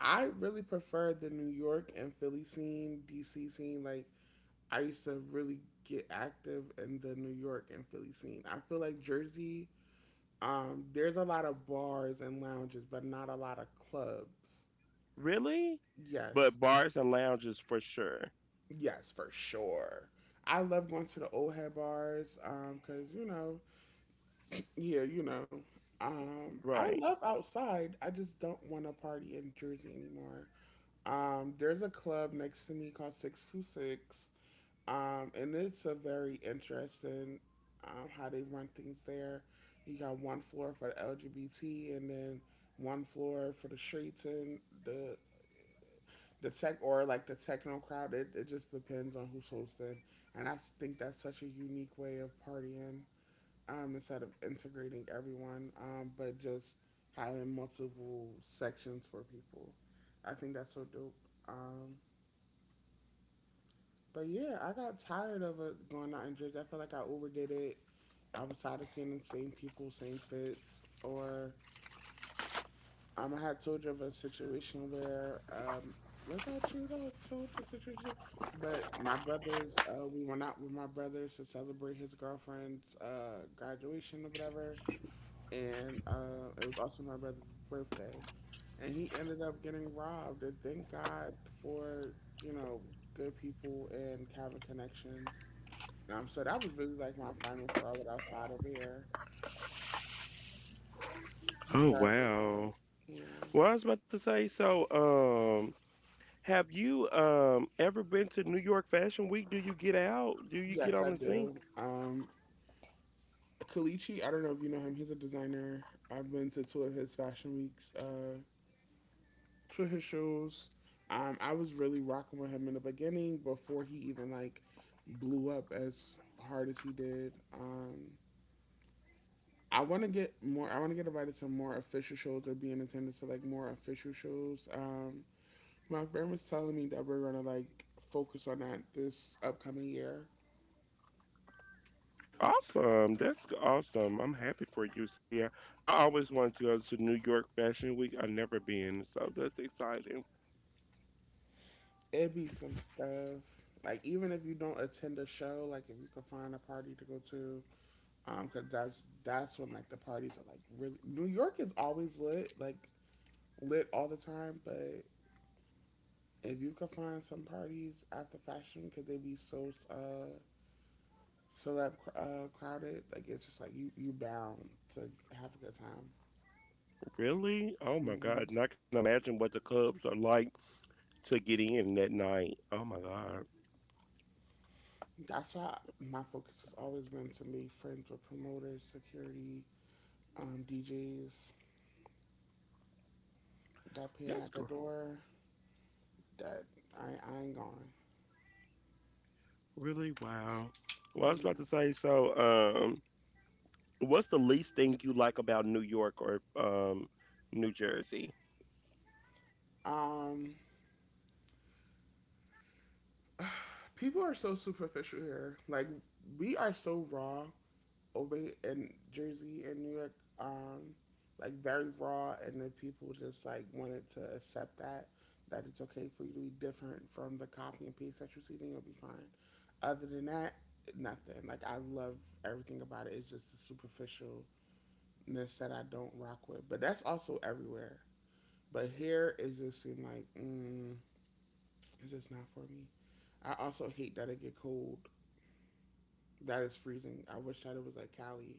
I really prefer the New York and Philly scene, DC scene. Like I used to really get active in the New York and Philly scene. I feel like Jersey, there's a lot of bars and lounges, but not a lot of clubs.
Really?
Yes,
But bars and lounges for sure.
yes, for sure. I love going to the old head bars because, you know, yeah, you know. I
Right.
love outside. I just don't want to party in Jersey anymore. There's a club next to me called 626. And it's a very interesting, how they run things there. You got one floor for the LGBT and then one floor for the streets and the the tech or like the techno crowd. It just depends on who's hosting. And I think that's such a unique way of partying, instead of integrating everyone, but just having multiple sections for people. I think that's so dope. Um, But yeah, I got tired of it going out in dribs. I felt like I overdid it. I was tired of seeing the same people, same fits. Or I had told you of a situation where was that true that I told the situation? But my brothers, we went out with my brothers to celebrate his girlfriend's graduation or whatever, and it was also my brother's birthday, and he ended up getting robbed. And thank God for, you know, good people and having connections. So that was really like my final Charlotte outside over here.
Oh
Jarvis,
wow.
yeah.
Well, I was about to say, have you ever been to New York Fashion Week? Do you get out? Do you get
Yes,
on
I
the scene?
do. Kalichi, I don't know if you know him. He's a designer. I've been to two of his fashion weeks, two of his shows. I was really rocking with him in the beginning before he even like blew up as hard as he did. I want to get more. I want to get invited to more official shows or be in attendance to like more official shows. My friend was telling me that we're gonna like focus on that this upcoming year.
Awesome. Awesome. I'm happy for you, Sia. I always wanted to go to New York Fashion Week. I've never been, so that's exciting.
It'd be some stuff. Like even if you don't attend a show, like if you can find a party to go to, 'cause that's when like the parties are like really. New York is always lit, like lit all the time. But if you can find some parties after fashion, because they be so celeb crowded, like it's just like you bound to have a good time.
Really? Oh my
Hmm.
God. And I can imagine what the clubs are like to get in that night. Oh my God.
That's why my focus has always been to make friends with promoters, security, DJs that paying at
That's
the
gr-
door that I ain't going.
Really, wow. Well, I was about to
Yeah.
say, what's the least thing you like about New York or New Jersey?
Um, people are so superficial here. Like we are so raw over in Jersey and New York, um, like very raw and then people just like wanted to accept that that it's okay for you to be different from the copy and paste that you see, then you'll be fine. Other than that, nothing. Like I love everything about it. It's just the superficialness that I don't rock with. But that's also everywhere. But here it just seemed like it's just not for me. I also hate that it get cold. That is freezing. I wish that it was like Cali,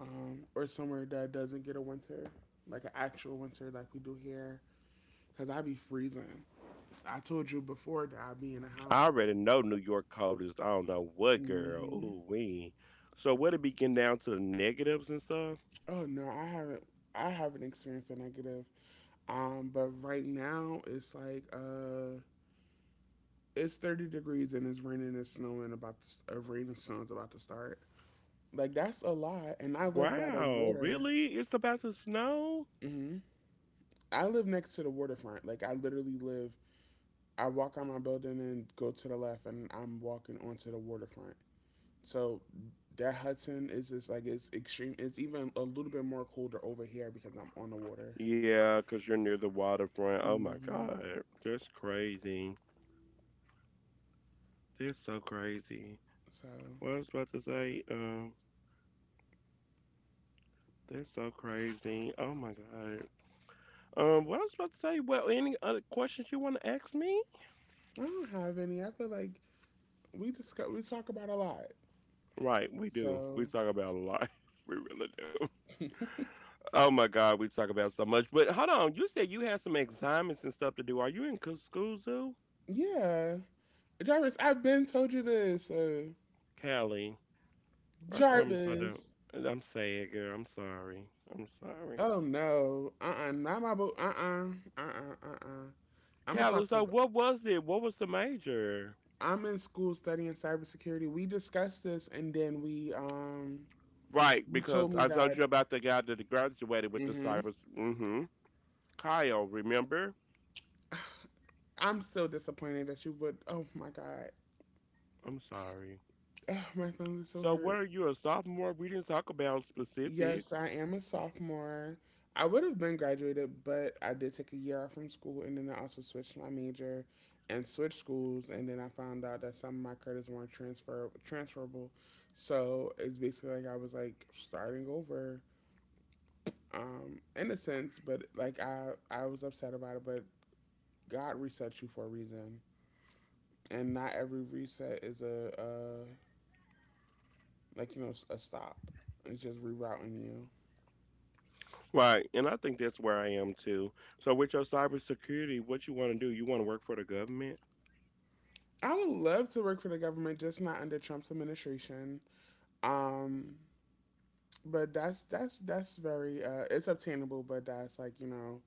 or somewhere that doesn't get a winter, like an actual winter like we do here. Cause I'd be freezing. I told you before that I would be in a
I
house.
already know New York cold is, I don't know what, girl.
Hmm.
Ooh, wee. So what it be getting down to the negatives and stuff?
Oh no, I haven't. I haven't experienced a negative. But right now it's like it's 30 degrees and it's raining and snowing. About to, rain and snow is about to start. Like that's a lot. And I live by the
Wow,
water.
really? It's about to snow?
Hmm. I live next to the waterfront. Like I literally live I walk out my building and go to the left, and I'm walking onto the waterfront. So that Hudson is just like it's extreme. It's even a little bit more colder over here because I'm on the water.
Yeah, 'cause you're near the waterfront. Oh my
Hmm.
God. That's crazy. They're so crazy.
So
What I was about to say, They're so crazy. Oh my God. What I was about to say, well, any other questions you want to ask me?
I don't have any. I feel like we talk about a lot.
Right, we do. We
So
talk about a lot. We really do. Oh my God, we talk about so much. But hold on, you said you had some assignments and stuff to do. Are you in school zoo?
yeah, Jarvis, I've been told you this.
Callie, I promise I don't.
Jarvis.
I'm sad, girl. I'm sorry. I'm sorry.
Oh no. Uh. Not my boo. Uh uh. Uh uh. I'm gonna
Callie,
talk to
so what was it? What was the major?
I'm in school studying cybersecurity. We discussed this, and then we
Right,
you
because
told me
I told
that.
you about the guy that graduated with the
Hmm.
cybers. Mm-hmm. Kyle, remember?
I'm so disappointed that you would. Oh my god,
I'm sorry.
ugh, my feelings are so
So, what
hurt.
are you, a sophomore? We didn't talk about specifics.
Yes, I am a sophomore. I would have been graduated, but I did take a year off from school, and then I also switched my major and switched schools, and then I found out that some of my credits weren't transferable. So it's basically like I was like starting over, in a sense, but like I was upset about it. But God resets you for a reason, and not every reset is a like you know a stop. It's just rerouting you.
Right, and I think that's where I am too. So, with your cybersecurity, what you want to do? You want to work for the government?
I would love to work for the government, just not under Trump's administration. Um, but that's very it's obtainable, but that's like you know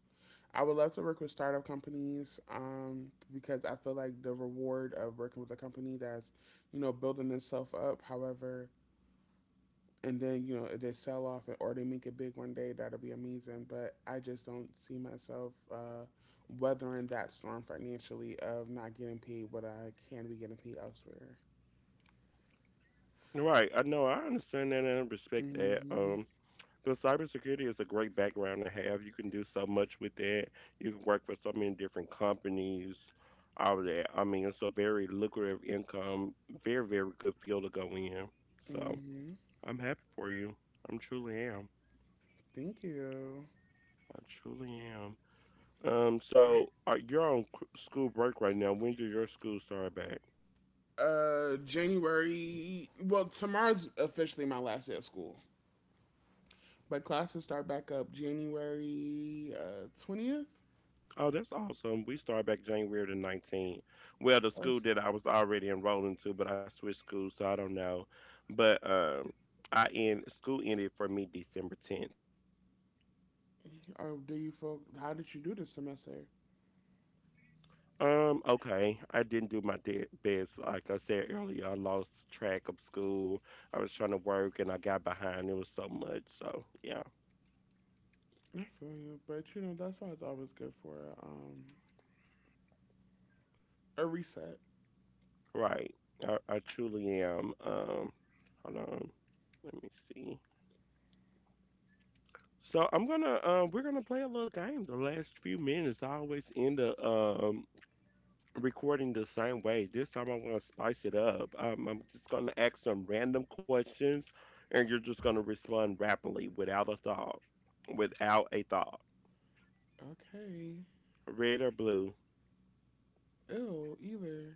I would love to work with startup companies, because I feel like the reward of working with a company that's you know building itself up. However, and then you know if they sell off it or they make it big one day that'll be amazing but I just don't see myself weathering that storm financially of not getting paid what I can be getting paid elsewhere.
Right, I know, I understand that and I respect that.
Mm-hmm.
Because cybersecurity is a great background to have. You can do so much with that. You can work for so many different companies, all of that. I mean, it's a very lucrative income, very, very good field to go in. So
Mm-hmm.
I'm happy for you. I'm truly am.
Thank you.
I truly am. So are you're on c- School break right now. When do your school start back?
Uh, January, well tomorrow's officially my last day of school but classes start back up January 20th.
Oh, that's awesome. We started back January the 19th. Well, the
Or
school that I was already enrolled into, but I switched schools, so I don't know. But I end school ended for me December 10th.
do you folk how did you do this semester?
Okay. I didn't do my best. Like I said earlier, I lost track of school. I was trying to work and I got behind. It was so much. So, yeah,
I feel you, but you know that's why it's always good for um a reset.
right. I truly am. Hold on. Let me see. So I'm gonna we're gonna play a little game. The last few minutes I always end up recording the same way. This time I'm gonna spice it up. I'm just gonna ask some random questions and you're just gonna respond rapidly without a thought. Without a thought.
Okay,
Red or blue?
ew, either.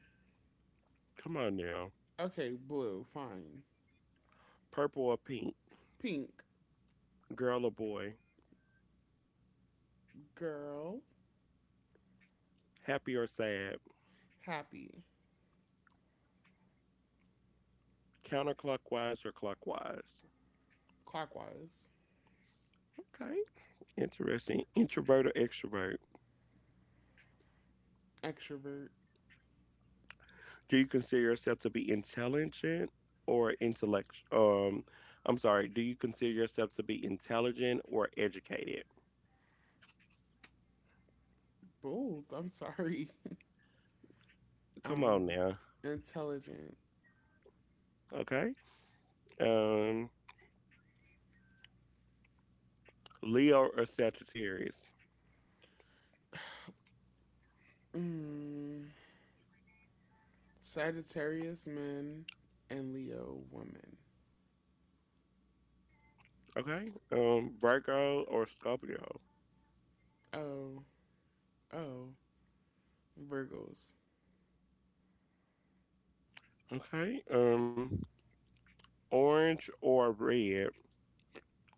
Come on now.
Okay, blue, fine.
Purple or pink?
Pink,
Girl or boy?
girl,
Happy or sad?
happy,
Counterclockwise or clockwise?
clockwise,
Okay. Interesting. Introvert or extrovert?
extrovert,
Do you consider yourself to be intelligent or intellect? I'm sorry. Do you consider yourself to be intelligent or educated?
bold. I'm sorry.
Come on
Um,
now.
intelligent,
Okay. Um, Leo or Sagittarius?
mm, Sagittarius men, and Leo women.
Okay. Virgo or Scorpio?
Oh, oh, Virgos,
Okay. Orange or red?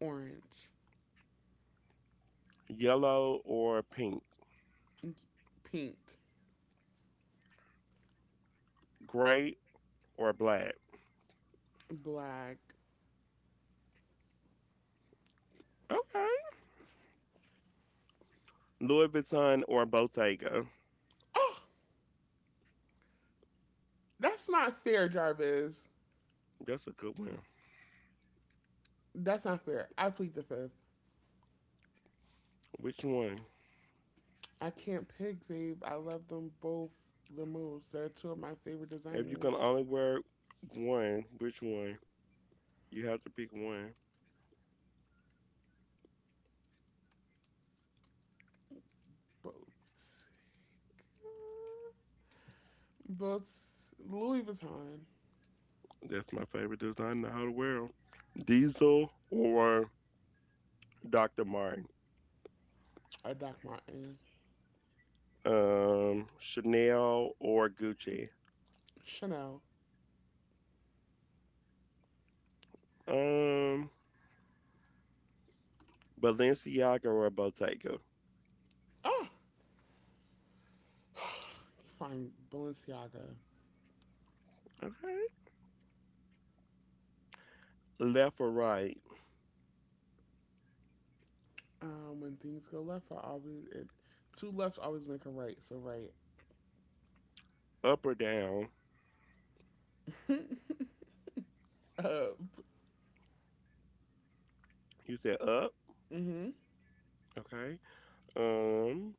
orange,
Yellow or pink?
pink,
Gray or black?
black.
Okay. Louis Vuitton or Bottega?
Oh, that's not fair, Jarvis.
That's a good one.
That's not fair. I plead the fifth.
Which one?
I can't pick, babe. I love them both. Their moves. They're two of my favorite
If you can
designers.
only wear one, which one? You have to pick one.
Both. Both Louis Vuitton
That's my favorite design in the whole world. Diesel or Dr. Martin?
or Doc Martin.
Chanel or Gucci?
Chanel.
Um, Balenciaga or Bottega?
Oh, fine. Balenciaga.
Okay. Left or right?
When things go left, I always it two lefts always make a right. So right.
Up or down?
uh,
You said up.
mm-hmm.
Okay. Um,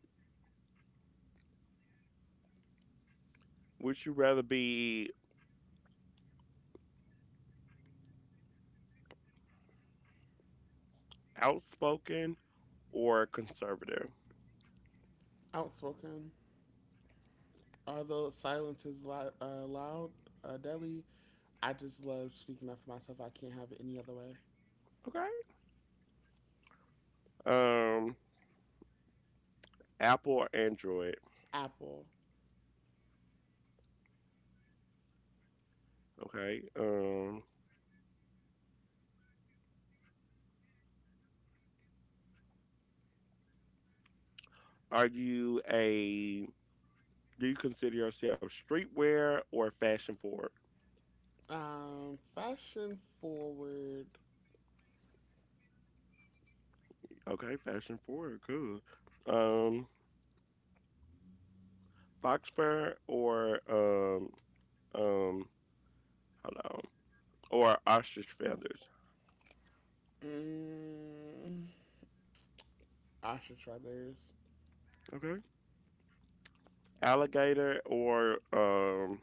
would you rather be outspoken or conservative?
Outspoken. Although silence is loud, Delhi. I just love speaking up for myself. I can't have it any other way.
Okay. Um, Apple or Android?
Apple.
Okay. Are you a Do you consider yourself streetwear or fashion forward?
Fashion forward.
Okay, fashion forward, cool. Um, fox fur or um hold on or ostrich feathers.
Mm, I should try theirs.
Okay. Alligator or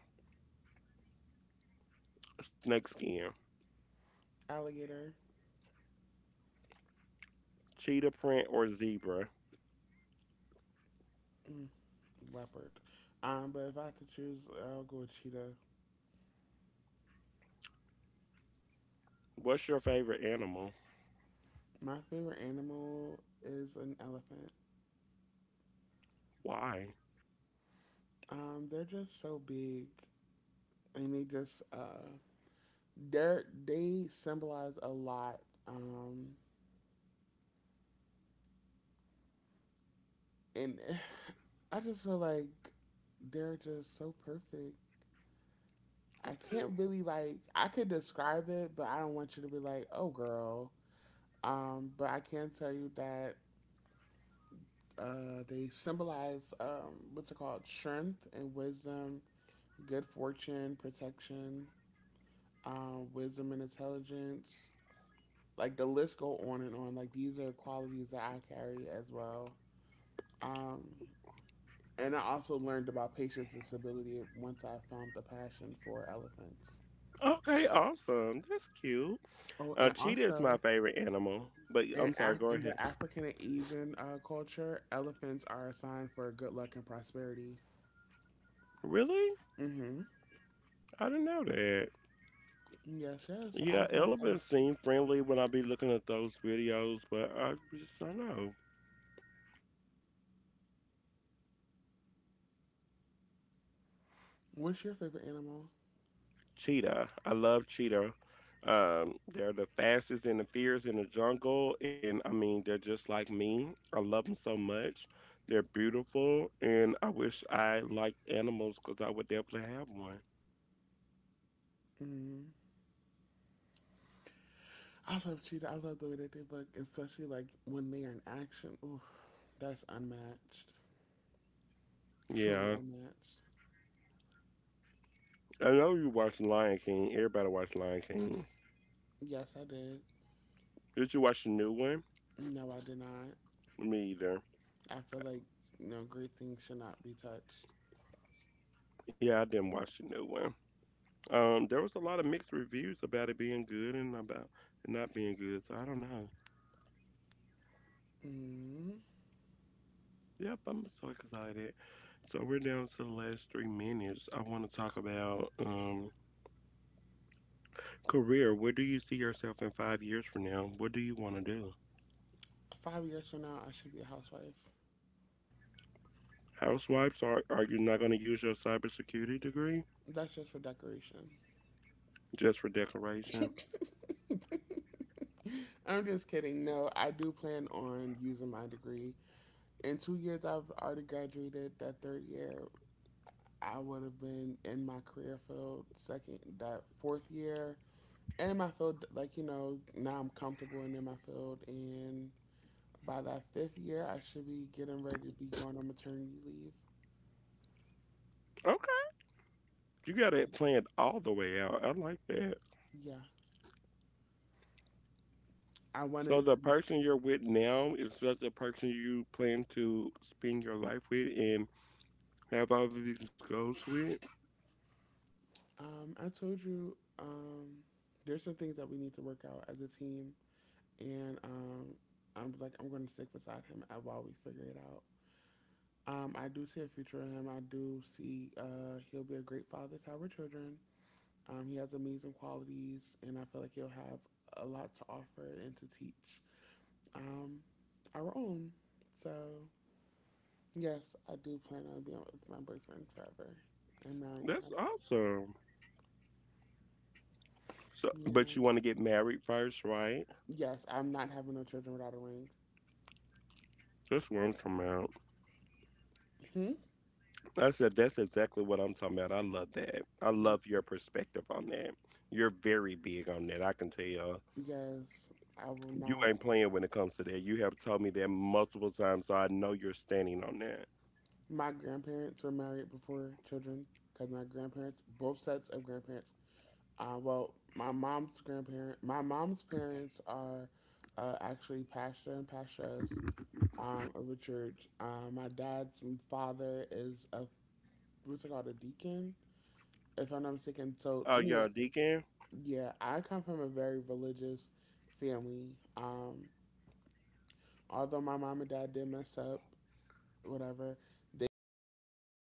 snake skin.
Alligator.
Cheetah print or zebra.
Mm, leopard. But if I had to choose, I'll go with cheetah.
What's your favorite animal?
My favorite animal is an elephant.
Why?
They're just so big, and they just they symbolize a lot. Um, and I just feel like they're just so perfect. I can't really like I could describe it, but I don't want you to be like, "Oh, girl." But I can tell you that they symbolize, what's it called, strength and wisdom, good fortune, protection, wisdom and intelligence. Like the list go on and on. Like these are qualities that I carry as well. Um, and I also learned about patience and stability once I found the passion for elephants.
Okay, awesome. That's cute.
Oh, and
Cheetah is my
also
favorite animal, but I'm
in,
sorry. Go
In
ahead.
the African and Asian culture, elephants are a sign for good luck and prosperity.
Really?
Mm-hmm.
I didn't know that.
Yes, yes. I
Yeah,
love
elephants
elephants.
seem friendly when I be looking at those videos, but I don't know.
What's your favorite animal?
Cheetah. I love cheetah. They're the fastest and the fierce in the jungle, and I mean they're just like me. I love them so much. They're beautiful, and I wish I liked animals because I would definitely have one.
Mm-hmm. I love cheetah. I love the way that they look, especially like when they are in action. Oof, that's unmatched. Truly
Yeah,
unmatched.
I know you watch Lion King. Everybody watch Lion King.
Yes, I did.
Did you watch the new one?
No, I did not.
Me either.
I feel like you know, great things should not be touched.
Yeah, I didn't watch the new one. There was a lot of mixed reviews about it being good and about it not being good, so I don't know.
Mm-hmm.
Yep, I'm so excited. So we're down to the last 3 minutes. I want to talk about career. Where do you see yourself in 5 years from now? What do you want to do?
5 years from now, I should be a housewife.
Housewives, are you not going to use your cybersecurity degree
That's just for decoration.
just for decoration?
I'm just kidding. No, I do plan on using my degree. In 2 years, I've already graduated. That 3rd year, I would have been in my career field. Second, that 4th year, and my field, like, you know, now I'm comfortable and in my field. And by that 5th year, I should be getting ready to be going on maternity leave.
Okay. You got it planned all the way out. I like that.
Yeah. I
So
wanted
the
to.
person you're with now is just the person you plan to spend your life with, and have all of these goals with.
I told you there's some things that we need to work out as a team. And I'm like I'm going to stick beside him while we figure it out. I do see a future in him. I do see he'll be a great father to our children. He has amazing qualities, and I feel like he'll have a lot to offer and to teach, um, our own. So yes, I do plan on being with my boyfriend forever and marrying
That's
him.
awesome. So, but
Yeah.
you want to get married first, right?
Yes, I'm not having no children without a ring.
That's what I'm talking about.
Hmm.
I said that's exactly what I'm talking about. I love that. I love your perspective on that. You're very big on that. I can tell. You
Yes, I will
you
not.
ain't playing when it comes to that. You have told me that multiple times, so I know you're standing on that.
My grandparents were married before children because my grandparents, both sets of grandparents, well, my mom's grandparent, my mom's parents are actually pastor and pastoress of a church. My dad's father is a what's it called a deacon, if I'm not mistaken. So
Oh,
anyway,
yeah, Deacon.
yeah, I come from a very religious family. Um, although my mom and dad did mess up, whatever, they found